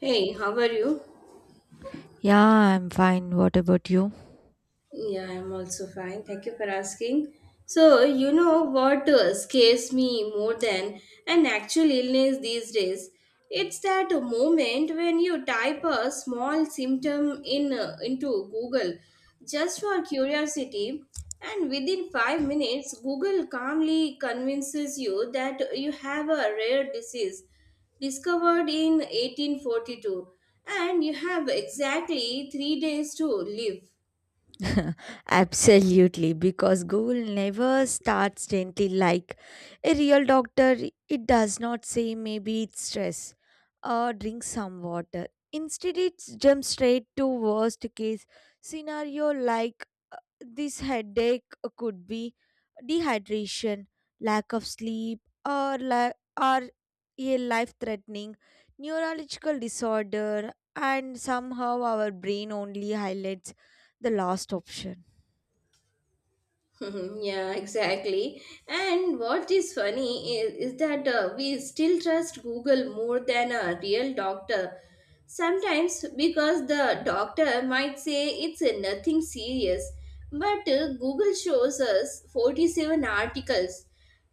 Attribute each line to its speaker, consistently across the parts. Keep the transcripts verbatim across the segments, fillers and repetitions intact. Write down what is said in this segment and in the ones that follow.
Speaker 1: Hey, how are you?
Speaker 2: Yeah, I'm fine. What about you?
Speaker 1: Yeah, I'm also fine. Thank you for asking. So, you know what uh, scares me more than an actual illness these days? It's that moment when you type a small symptom in uh, into Google just for curiosity, and within five minutes Google calmly convinces you that you have a rare disease discovered in eighteen forty-two and you have exactly three days to live.
Speaker 2: Absolutely, because Google never starts gently like a real doctor. It does not say maybe it's stress or drink some water. Instead, it jumps straight to worst case scenario like this headache could be dehydration, lack of sleep, or, la- or a life threatening neurological disorder, and somehow our brain only highlights the last option.
Speaker 1: Yeah, exactly. And what is funny is, is that uh, we still trust Google more than a real doctor. Sometimes because the doctor might say it's uh, nothing serious, but uh, Google shows us forty-seven articles,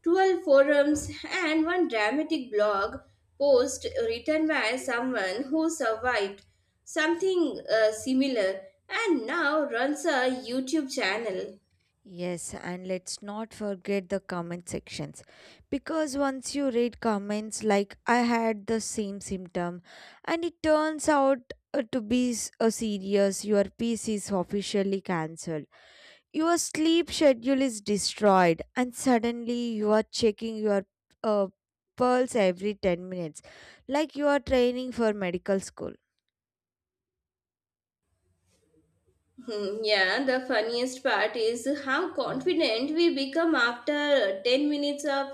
Speaker 1: twelve forums, and one dramatic blog post written by someone who survived something uh, similar and now runs a YouTube channel.
Speaker 2: Yes, and let's not forget the comment sections because once you read comments like I had the same symptom and it turns out uh, to be s- a serious, your piece is officially cancelled, your sleep schedule is destroyed and suddenly you are checking your uh, pulse every ten minutes like you are training for medical school.
Speaker 1: Hmm, Yeah, the funniest part is how confident we become after ten minutes of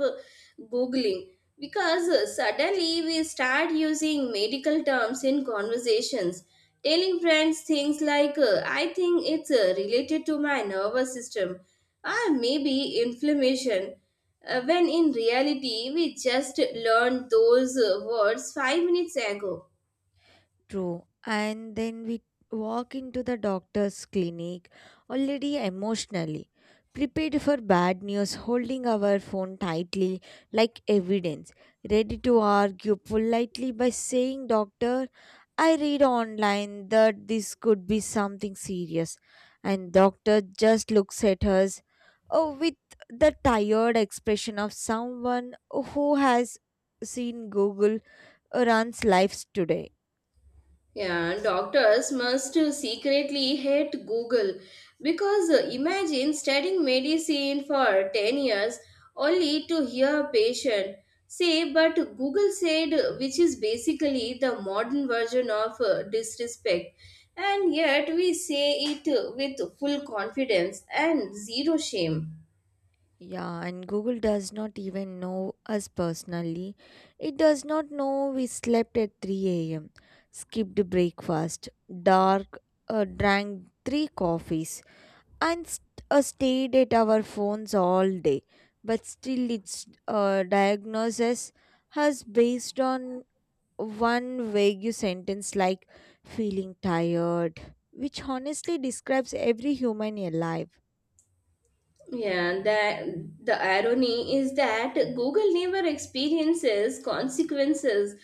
Speaker 1: Googling because suddenly we start using medical terms in conversations, telling friends things like, uh, I think it's uh, related to my nervous system or maybe inflammation, uh, when in reality we just learned those uh, words five minutes ago.
Speaker 2: True. And then we walk into the doctor's clinic already emotionally prepared for bad news, holding our phone tightly like evidence, ready to argue politely by saying, Doctor, I read online that this could be something serious. And doctor just looks at us oh, with the tired expression of someone who has seen Google runs lives today.
Speaker 1: Yeah, and doctors must secretly hate Google because uh, imagine studying medicine for ten years only to hear a patient say, but Google said, uh, which is basically the modern version of uh, disrespect. And yet we say it uh, with full confidence and zero shame.
Speaker 2: Yeah, and Google does not even know us personally. It does not know we slept at three a m, skipped breakfast, dark, uh, drank three coffees, and st- uh, stayed at our phones all day. But still, its uh, diagnosis has based on one vague sentence like feeling tired, which honestly describes every human alive.
Speaker 1: Yeah, that the irony is that Google never experiences consequences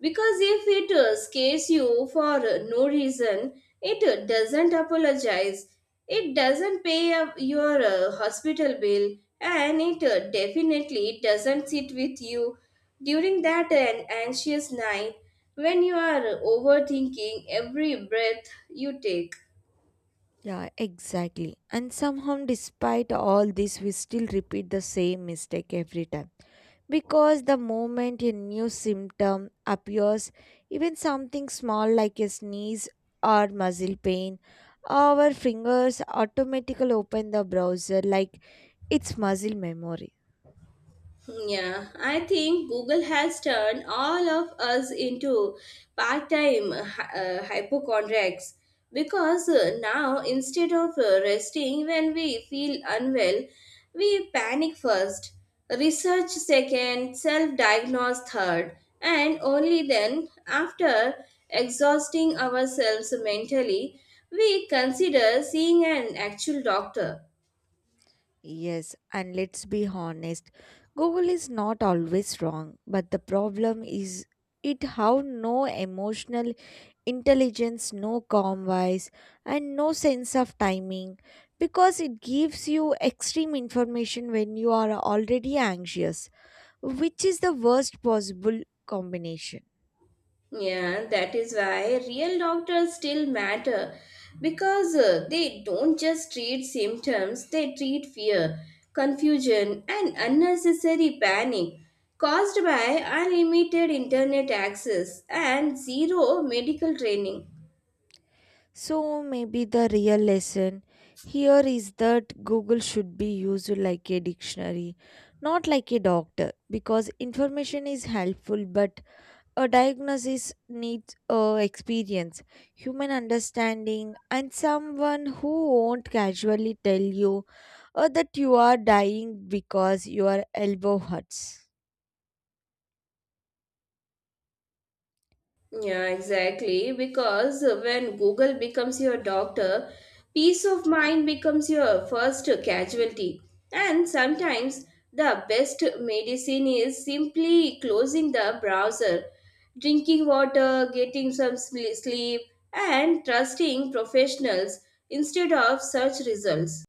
Speaker 1: because if it uh, scares you for uh, no reason, it uh, doesn't apologize, it doesn't pay up your uh, hospital bill, and it uh, definitely doesn't sit with you during that an anxious night when you are overthinking every breath you take.
Speaker 2: Yeah, exactly. And somehow, despite all this, we still repeat the same mistake every time. Because the moment a new symptom appears, even something small like a sneeze or muscle pain, our fingers automatically open the browser like it's muscle memory.
Speaker 1: Yeah, I think Google has turned all of us into part time uh, hypochondriacs because uh, now instead of uh, resting when we feel unwell, we panic first, research second, self diagnose third, and only then, after exhausting ourselves mentally, we consider seeing an actual doctor.
Speaker 2: Yes, and let's be honest, Google is not always wrong, but the problem is it how no emotional intelligence, no calm voice, and no sense of timing because it gives you extreme information when you are already anxious, which is the worst possible combination.
Speaker 1: Yeah, that is why real doctors still matter because uh, they don't just treat symptoms, they treat fear, confusion, and unnecessary panic caused by unlimited internet access and zero medical training.
Speaker 2: So maybe the real lesson here is that Google should be used like a dictionary, not like a doctor, because information is helpful, but a diagnosis needs uh, experience, human understanding, and someone who won't casually tell you uh, that you are dying because your elbow hurts.
Speaker 1: Yeah, exactly. Because when Google becomes your doctor, peace of mind becomes your first casualty. And sometimes the best medicine is simply closing the browser, drinking water, getting some sle- sleep, and trusting professionals instead of search results.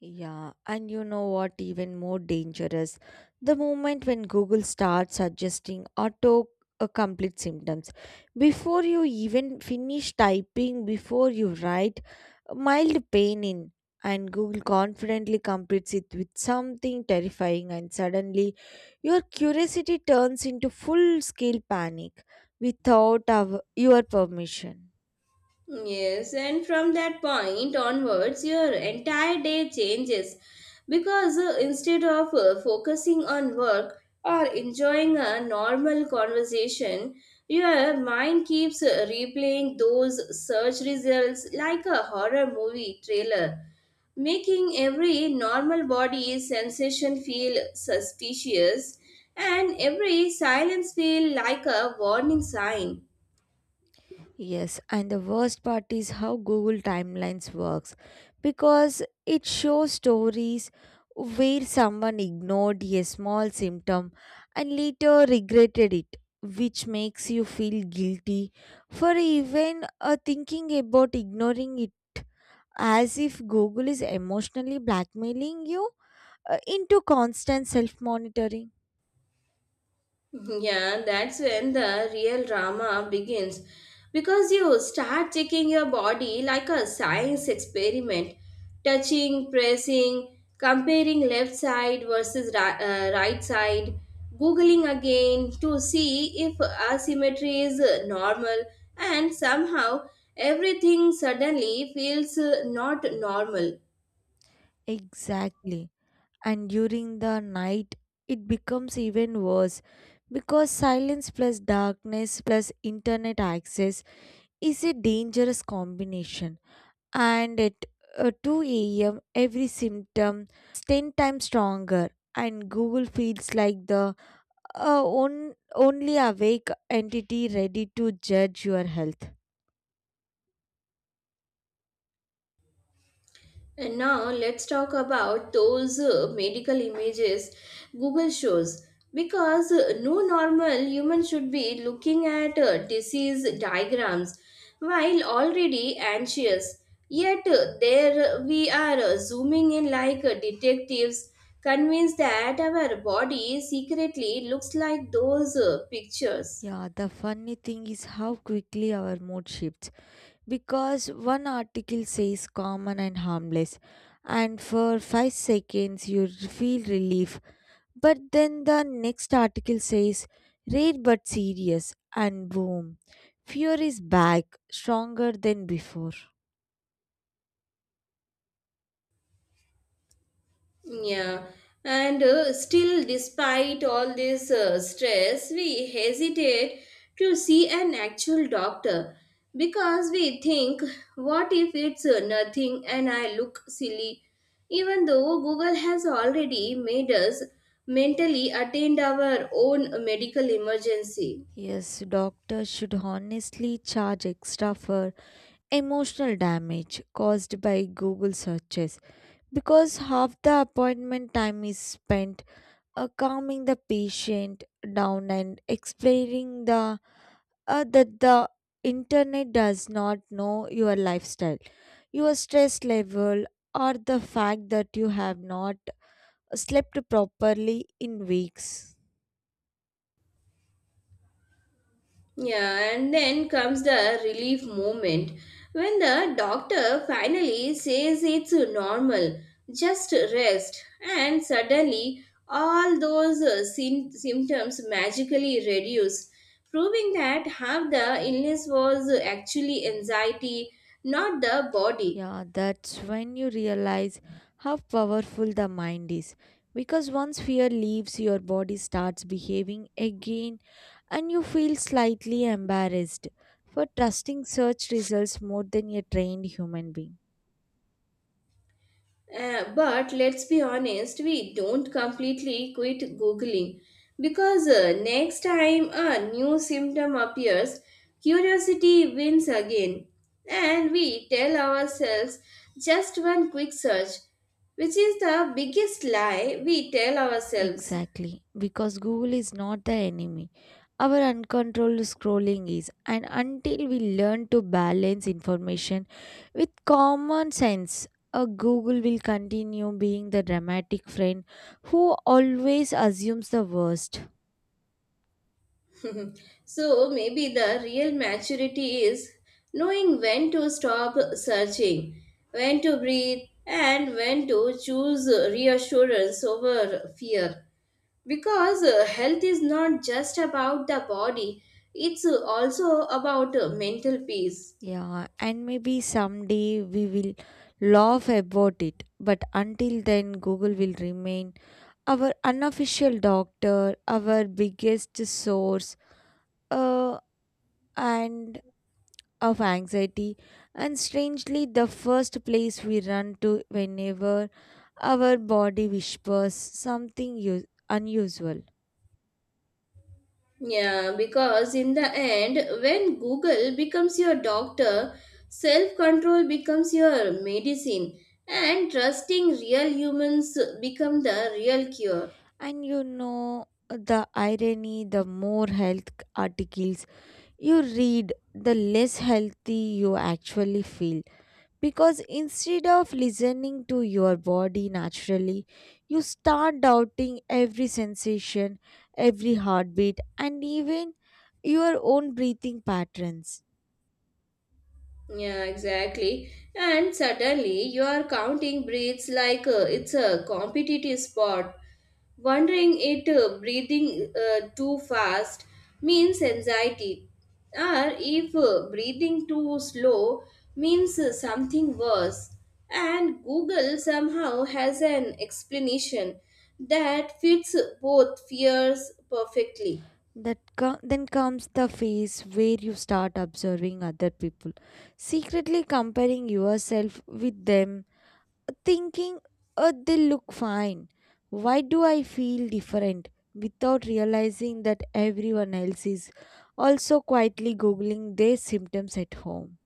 Speaker 2: Yeah, and you know what, even more dangerous? The moment when Google starts suggesting auto uh, complete symptoms. Before you even finish typing, before you write, uh, mild pain in, and Google confidently completes it with something terrifying, and suddenly your curiosity turns into full scale panic without our, your permission.
Speaker 1: Yes, and from that point onwards, your entire day changes because uh, instead of uh, focusing on work or enjoying a normal conversation, your mind keeps uh, replaying those search results like a horror movie trailer, making every normal body sensation feel suspicious and every silence feel like a warning sign.
Speaker 2: Yes, and the worst part is how Google Timelines works because it shows stories where someone ignored a small symptom and later regretted it, which makes you feel guilty for even uh, thinking about ignoring it as if Google is emotionally blackmailing you uh, into constant self monitoring.
Speaker 1: Mm-hmm. Yeah, that's when the real drama begins because you start checking your body like a science experiment, touching, pressing, comparing left side versus ri- uh, right side, googling again to see if asymmetry is uh, normal, and somehow everything suddenly feels uh, not normal.
Speaker 2: Exactly. And during the night it becomes even worse because silence plus darkness plus internet access is a dangerous combination, and at uh, two a.m every symptom is ten times stronger and google feels like the uh, on, only awake entity ready to judge your health.
Speaker 1: And now let's talk about those uh, medical images Google shows. Because uh, no normal human should be looking at uh, disease diagrams while already anxious. Yet uh, there we are uh, zooming in like uh, detectives, convinced that our body secretly looks like those uh, pictures.
Speaker 2: Yeah, the funny thing is how quickly our mood shifts because one article says common and harmless and for five seconds you feel relief, but then the next article says rare but serious and boom, fear is back stronger than before.
Speaker 1: Yeah, and uh, still, despite all this uh, stress, we hesitate to see an actual doctor because we think, what if it's uh, nothing and I look silly? Even though Google has already made us mentally attend our own medical emergency.
Speaker 2: Yes, doctors should honestly charge extra for emotional damage caused by google searches because half the appointment time is spent uh, calming the patient down and explaining the uh, that the internet does not know your lifestyle, your stress level, or the fact that you have not slept properly in weeks.
Speaker 1: Yeah, and then comes the relief moment when the doctor finally says it's normal, just rest, and suddenly all those uh, sym- symptoms magically reduce, proving that half the illness was actually anxiety, not the body.
Speaker 2: Yeah, that's when you realize how powerful the mind is. Because once fear leaves, your body starts behaving again and you feel slightly embarrassed for trusting search results more than a trained human being.
Speaker 1: Uh, but let's be honest, we don't completely quit Googling because uh, next time a new symptom appears, curiosity wins again. And we tell ourselves just one quick search, which is the biggest lie we tell ourselves.
Speaker 2: Exactly, because Google is not the enemy. Our uncontrolled scrolling is, and until we learn to balance information with common sense, a Google will continue being the dramatic friend who always assumes the worst.
Speaker 1: Mhm. So maybe the real maturity is knowing when to stop searching, when to breathe, and when to choose reassurance over fear. Because uh, health is not just about the body, it's also about uh, mental peace.
Speaker 2: Yeah, and maybe someday we will laugh about it, but until then, Google will remain our unofficial doctor, our biggest source, uh, and of anxiety and strangely the first place we run to whenever our body whispers something u- unusual.
Speaker 1: Yeah, because in the end, when Google becomes your doctor, self control becomes your medicine, and trusting real humans become the real cure.
Speaker 2: And you know the irony, the more health articles you read the less healthy you actually feel because instead of listening to your body naturally you start doubting every sensation, every heartbeat, and even your own breathing patterns.
Speaker 1: Yeah, exactly. And suddenly you are counting breeds like uh, it's a competitive sport. Wondering it uh, breathing uh, too fast means anxiety, or if uh, breathing too slow means uh, something worse. And Google somehow has an explanation that fits both fears perfectly.
Speaker 2: That co- then comes the phase where you start observing other people, secretly comparing yourself with them, thinking oh they look fine, why do I feel different, without realizing that everyone else is also quietly googling their symptoms at home.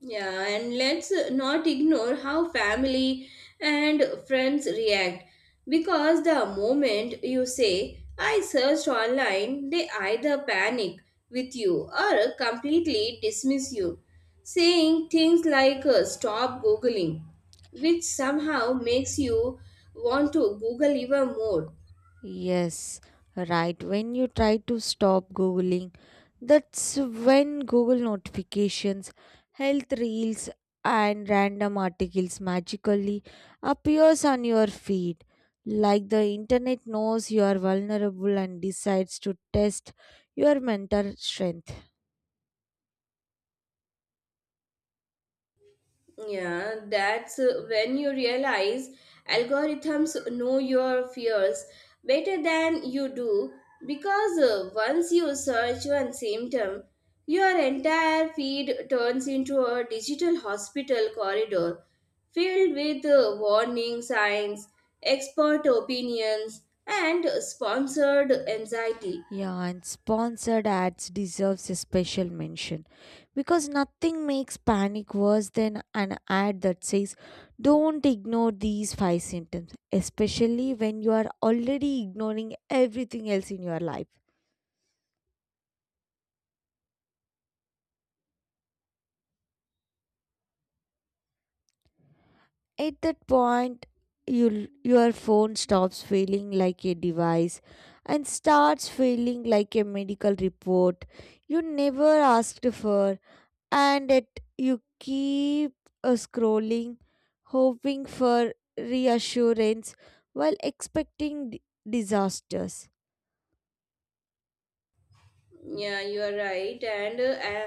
Speaker 1: Yeah, and let's not ignore how family and friends react because the moment you say, I searched online, they either panic with you or completely dismiss you, saying things like uh, stop googling, which somehow makes you want to google even more.
Speaker 2: Yes, right. When you try to stop Googling, that's when Google notifications, health reels, and random articles magically appears on your feed. Like the internet knows you are vulnerable and decides to test your mental strength.
Speaker 1: Yeah, that's uh, when you realize algorithms know your fears better than you do because uh, once you search one symptom, your entire feed turns into a digital hospital corridor filled with uh, warning signs, expert opinions, and sponsored anxiety.
Speaker 2: Yeah, and sponsored ads deserves a special mention because nothing makes panic worse than an ad that says don't ignore these five symptoms, especially when you are already ignoring everything else in your life. At that point, you, your phone stops feeling like a device and starts feeling like a medical report you never asked for, and it you keep uh, scrolling hoping for reassurance while expecting d- disasters.
Speaker 1: Yeah, you are right. And uh, uh,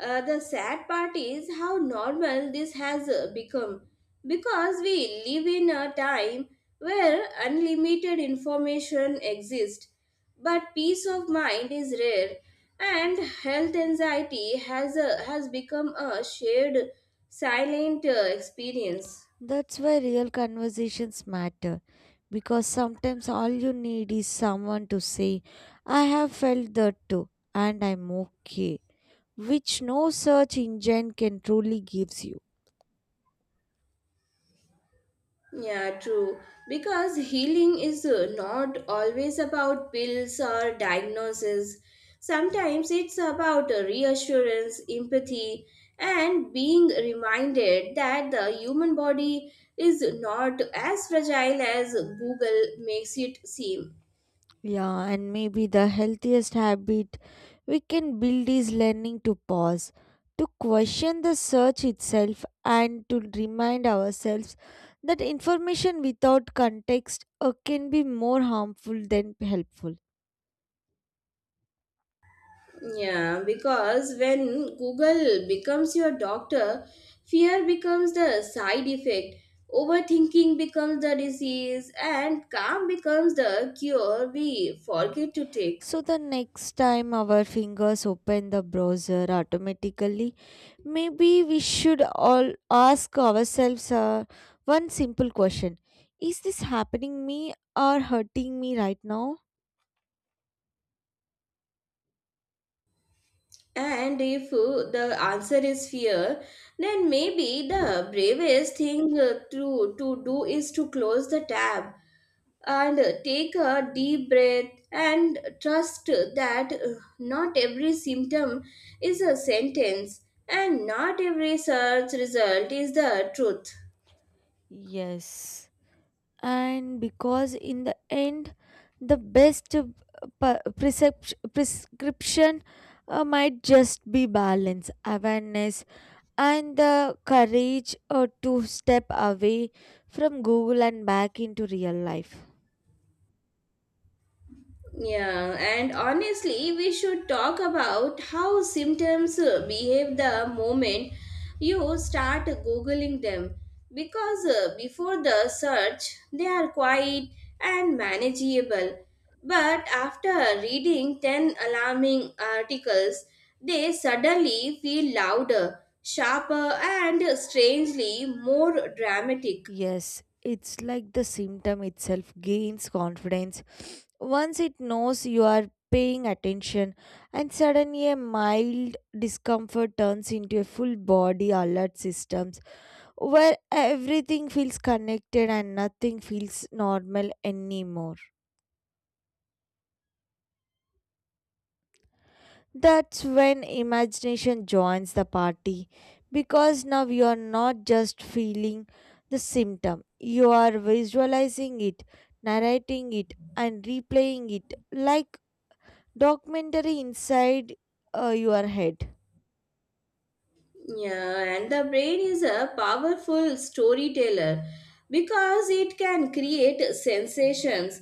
Speaker 1: uh, the sad part is how normal this has uh, become because we live in a time where unlimited information exists, but peace of mind is rare, and health anxiety has, uh, has become a shared silent uh, experience.
Speaker 2: That's why real conversations matter because sometimes all you need is someone to say I have felt that too and I'm okay, which no search engine can truly gives you.
Speaker 1: Yeah, true. Because healing is uh, not always about pills or diagnosis. Sometimes it's about uh, reassurance, empathy, and being reminded that the human body is not as fragile as Google makes it seem.
Speaker 2: Yeah, and maybe the healthiest habit we can build is learning to pause, to question the search itself, and to remind ourselves that information without context uh, can be more harmful than helpful.
Speaker 1: Yeah, because when Google becomes your doctor, fear becomes the side effect, overthinking becomes the disease, and calm becomes the cure we forget to take.
Speaker 2: So, the next time our fingers open the browser automatically, maybe we should all ask ourselves uh, one simple question: is this happening me or hurting me right now?
Speaker 1: And if uh, the answer is fear, then maybe the bravest thing uh, to, to do is to close the tab and take a deep breath and trust that uh, not every symptom is a sentence and not every search result is the truth.
Speaker 2: Yes, and because in the end, the best uh, per- percep- prescription uh, might just be balance, awareness, and the courage uh, to step away from Google and back into real life.
Speaker 1: Yeah, and honestly, we should talk about how symptoms uh, behave the moment you start googling them because uh, before the search they are quiet and manageable, but after reading ten alarming articles, they suddenly feel louder, sharper, and strangely more dramatic.
Speaker 2: Yes, it's like the symptom itself gains confidence once it knows you are paying attention, and suddenly a mild discomfort turns into a full body alert systems where everything feels connected and nothing feels normal anymore. That's when imagination joins the party because now you are not just feeling the symptom, you are visualizing it, narrating it, and replaying it like documentary inside uh, your head.
Speaker 1: Yeah, and the brain is a powerful storyteller because it can create sensations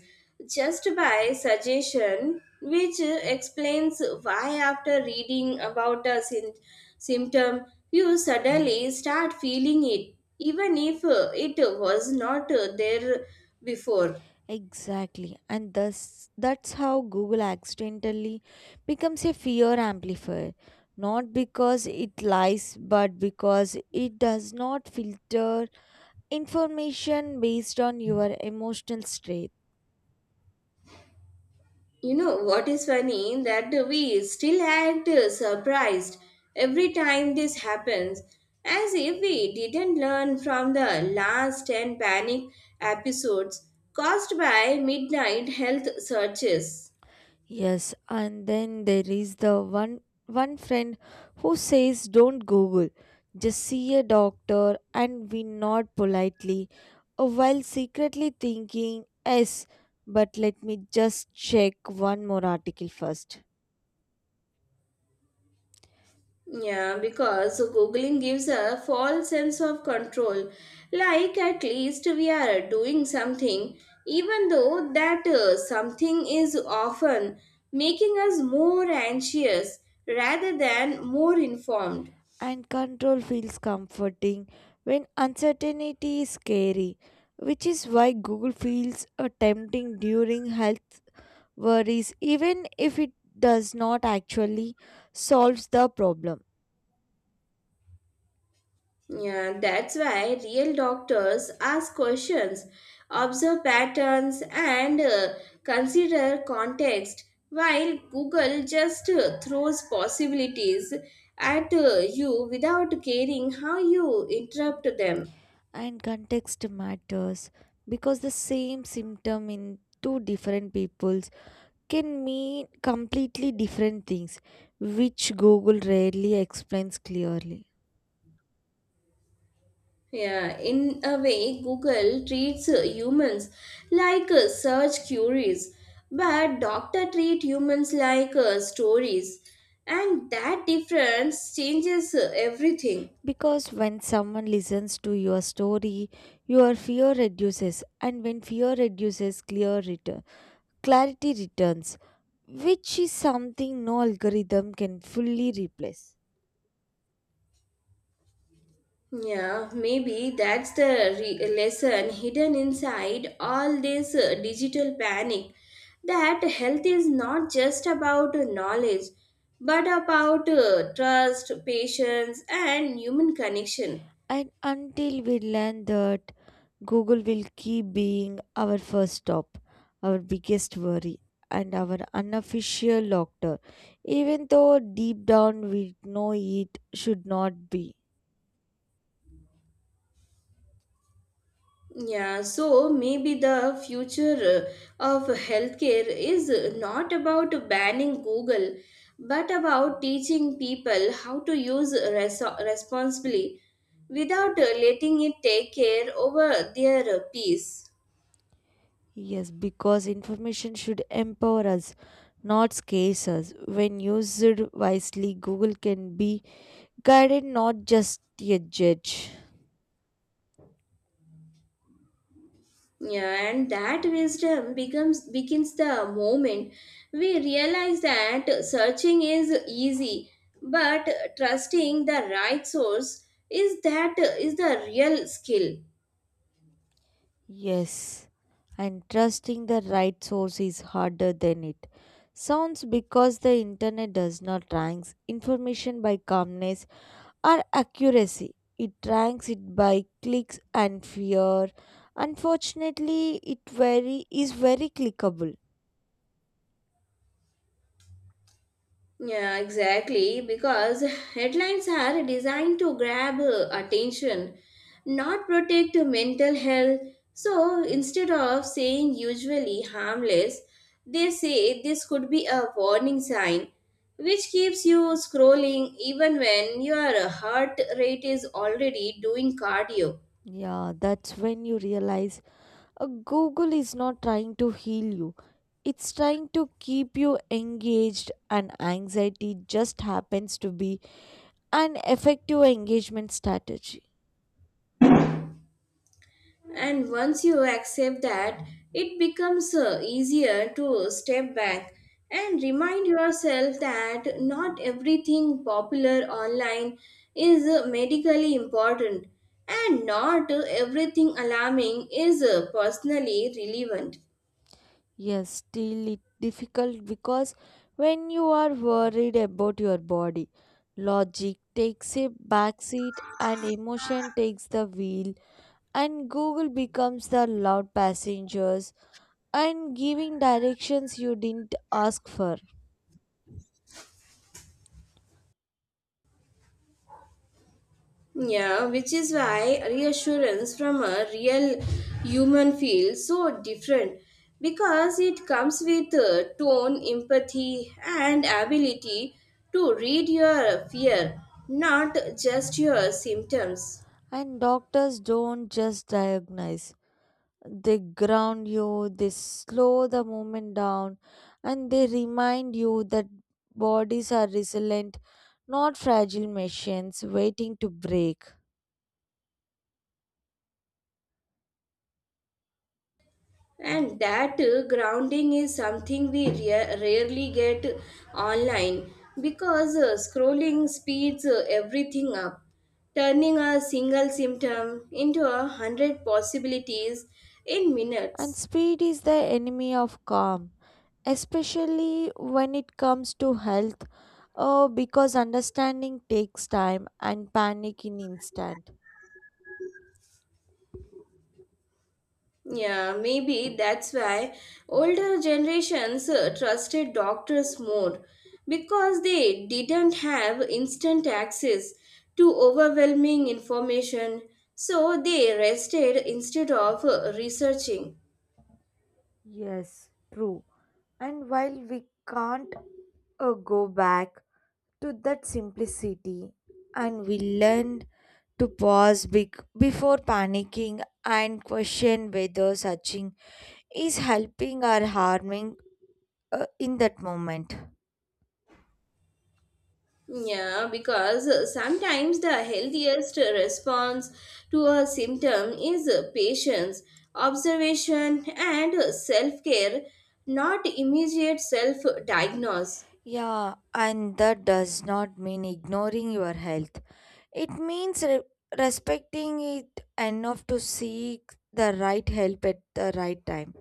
Speaker 1: just by suggestion, which explains why, after reading about a syn- symptom, you suddenly start feeling it, even if uh, it was not uh, there before.
Speaker 2: Exactly, and thus that's how Google accidentally becomes a fear amplifier. Not because it lies, but because it does not filter information based on your emotional state.
Speaker 1: You know what is funny that we still act uh, surprised every time this happens, as if we didn't learn from the last ten panic episodes caused by midnight health searches.
Speaker 2: Yes, and then there is the one one friend who says don't google, just see a doctor, and we nod politely uh, while secretly thinking yes, but let me just check one more article first.
Speaker 1: Yeah, because Googling gives a false sense of control. Like at least we are doing something, even though that uh, something is often making us more anxious rather than more informed.
Speaker 2: And control feels comforting when uncertainty is scary, which is why Google feels uh, tempting during health worries, even if it does not actually solves the problem.
Speaker 1: Yeah, that's why real doctors ask questions, observe patterns, and uh, consider context, while Google just uh, throws possibilities at uh, you without caring how you interrupt them.
Speaker 2: And context matters because the same symptom in two different peoples can mean completely different things, which Google rarely explains clearly.
Speaker 1: Yeah, in a way, Google treats uh, humans like uh, search queries, but doctor treat humans like uh, stories, and that difference changes uh, everything.
Speaker 2: Because when someone listens to your story, your fear reduces, and when fear reduces, clear return, clarity returns, which is something no algorithm can fully replace.
Speaker 1: Yeah, maybe that's the re- lesson hidden inside all this uh, digital panic. That health is not just about uh, knowledge, but about uh, trust, patience, and human connection.
Speaker 2: And until we learn that, Google will keep being our first stop, our biggest worry, and our unofficial doctor, even though deep down we know it should not be.
Speaker 1: Yeah, so maybe the future uh, of healthcare is not about banning Google, but about teaching people how to use res- responsibly without uh, letting it take care over their uh, peace.
Speaker 2: Yes, because information should empower us, not scare us. When used wisely, Google can be guided, not just a judge.
Speaker 1: Yeah, and that wisdom becomes begins the moment we realize that searching is easy, but trusting the right source is that is the real skill.
Speaker 2: Yes, and trusting the right source is harder than it sounds because the internet does not rank information by calmness or accuracy. It ranks it by clicks and fear. Unfortunately, it very is very clickable.
Speaker 1: Yeah, exactly. Because headlines are designed to grab uh, attention, not protect mental health. So instead of saying usually harmless, they say this could be a warning sign, which keeps you scrolling even when your heart rate is already doing cardio.
Speaker 2: Yeah, that's when you realize a Google is not trying to heal you. It's trying to keep you engaged and anxiety just happens to be an effective engagement strategy.
Speaker 1: And once you accept that, it becomes uh, easier to step back and remind yourself that not everything popular online is uh, medically important and not uh, everything alarming is uh, personally relevant.
Speaker 2: Yes, still it difficult because when you are worried about your body, logic takes a backseat and emotion takes the wheel and Google becomes the loud passengers and giving directions you didn't ask for.
Speaker 1: Yeah, which is why reassurance from a real human feels so different because it comes with uh, tone, empathy, and ability to read your fear, not just your symptoms.
Speaker 2: And doctors don't just diagnose. They ground you, they slow the movement down, and they remind you that bodies are resilient, not fragile machines waiting to break.
Speaker 1: And that uh, grounding is something we rea- rarely get online because uh, scrolling speeds uh, everything up, turning a single symptom into a hundred possibilities in
Speaker 2: And
Speaker 1: minutes.
Speaker 2: speed is the enemy of calm, especially when it comes to health, uh, because understanding takes time and panic in instant.
Speaker 1: Yeah, maybe that's why older generations uh, trusted doctors more because they didn't have instant access to overwhelming information, so they rested instead of uh, researching.
Speaker 2: Yes, true. And while we can't uh, go back to that simplicity and we learn to pause bec- before panicking and question whether searching is helping or harming uh, in that moment.
Speaker 1: Yeah, because uh, sometimes the healthiest response to a symptom is uh, patience, observation, and self care, not immediate self diagnose.
Speaker 2: Yeah, and that does not mean ignoring your health. It means re- respecting it enough to seek the right help at the right time.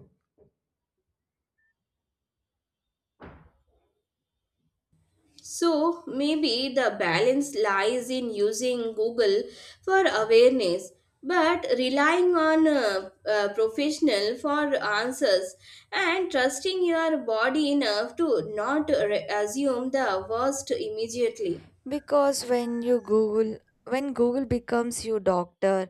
Speaker 1: So maybe the balance lies in using Google for awareness, but relying on a, a professional for answers and trusting your body enough to not re- assume the worst immediately.
Speaker 2: Because when you Google, when Google becomes your doctor,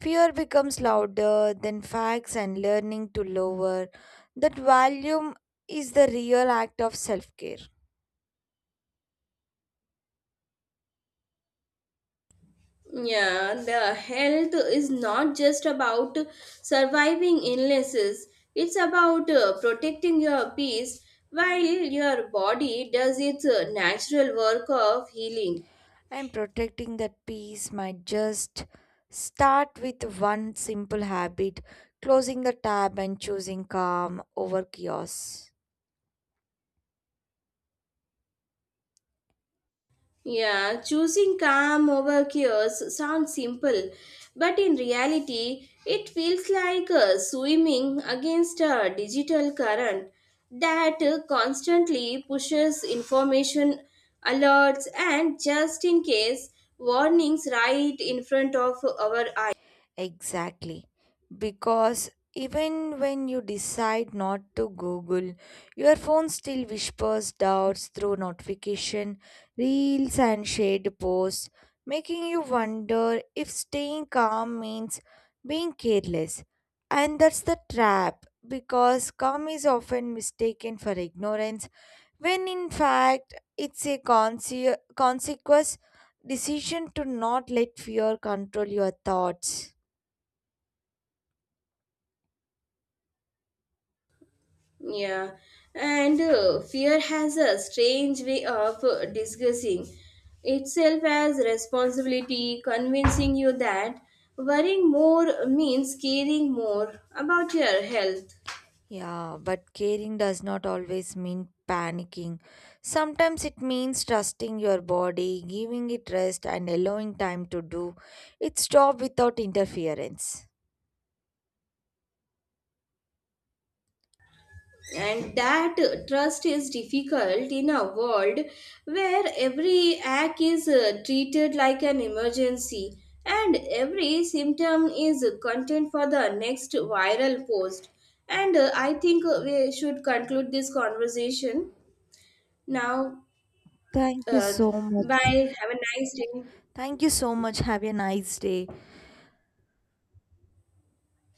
Speaker 2: fear becomes louder than facts and learning to lower. That volume is the real act of self care.
Speaker 1: Yeah, the health is not just about surviving illnesses, it's about uh, protecting your peace while your body does its uh, natural work of healing.
Speaker 2: And protecting that peace might just start with one simple habit: closing the tab and choosing calm over chaos.
Speaker 1: Yeah, choosing calm over chaos sounds simple, but in reality, it feels like uh, swimming against a digital current that uh, constantly pushes information, alerts, and just in case warnings right in front of our.
Speaker 2: Exactly. Because even when you decide not to Google, your phone still whispers doubts through notification, reels and shared posts, making you wonder if staying calm means being careless. And that's the trap because calm is often mistaken for ignorance when in fact it's a conse- consequence decision to not let fear control your thoughts.
Speaker 1: Yeah, and uh, fear has a strange way of uh, disguising itself as responsibility, convincing you that worrying more means caring more about your health.
Speaker 2: Yeah, but caring does not always mean panicking. Sometimes it means trusting your body, giving it rest, and allowing time to do its job without interference.
Speaker 1: And that trust is difficult in a world where every act is uh, treated like an emergency and every symptom is content for the next viral post, and uh, i think uh, we should conclude this conversation now.
Speaker 2: Thank you
Speaker 1: uh,
Speaker 2: so
Speaker 1: Bye,
Speaker 2: much.
Speaker 1: have a nice day.
Speaker 2: Thank you so much. Have a nice day.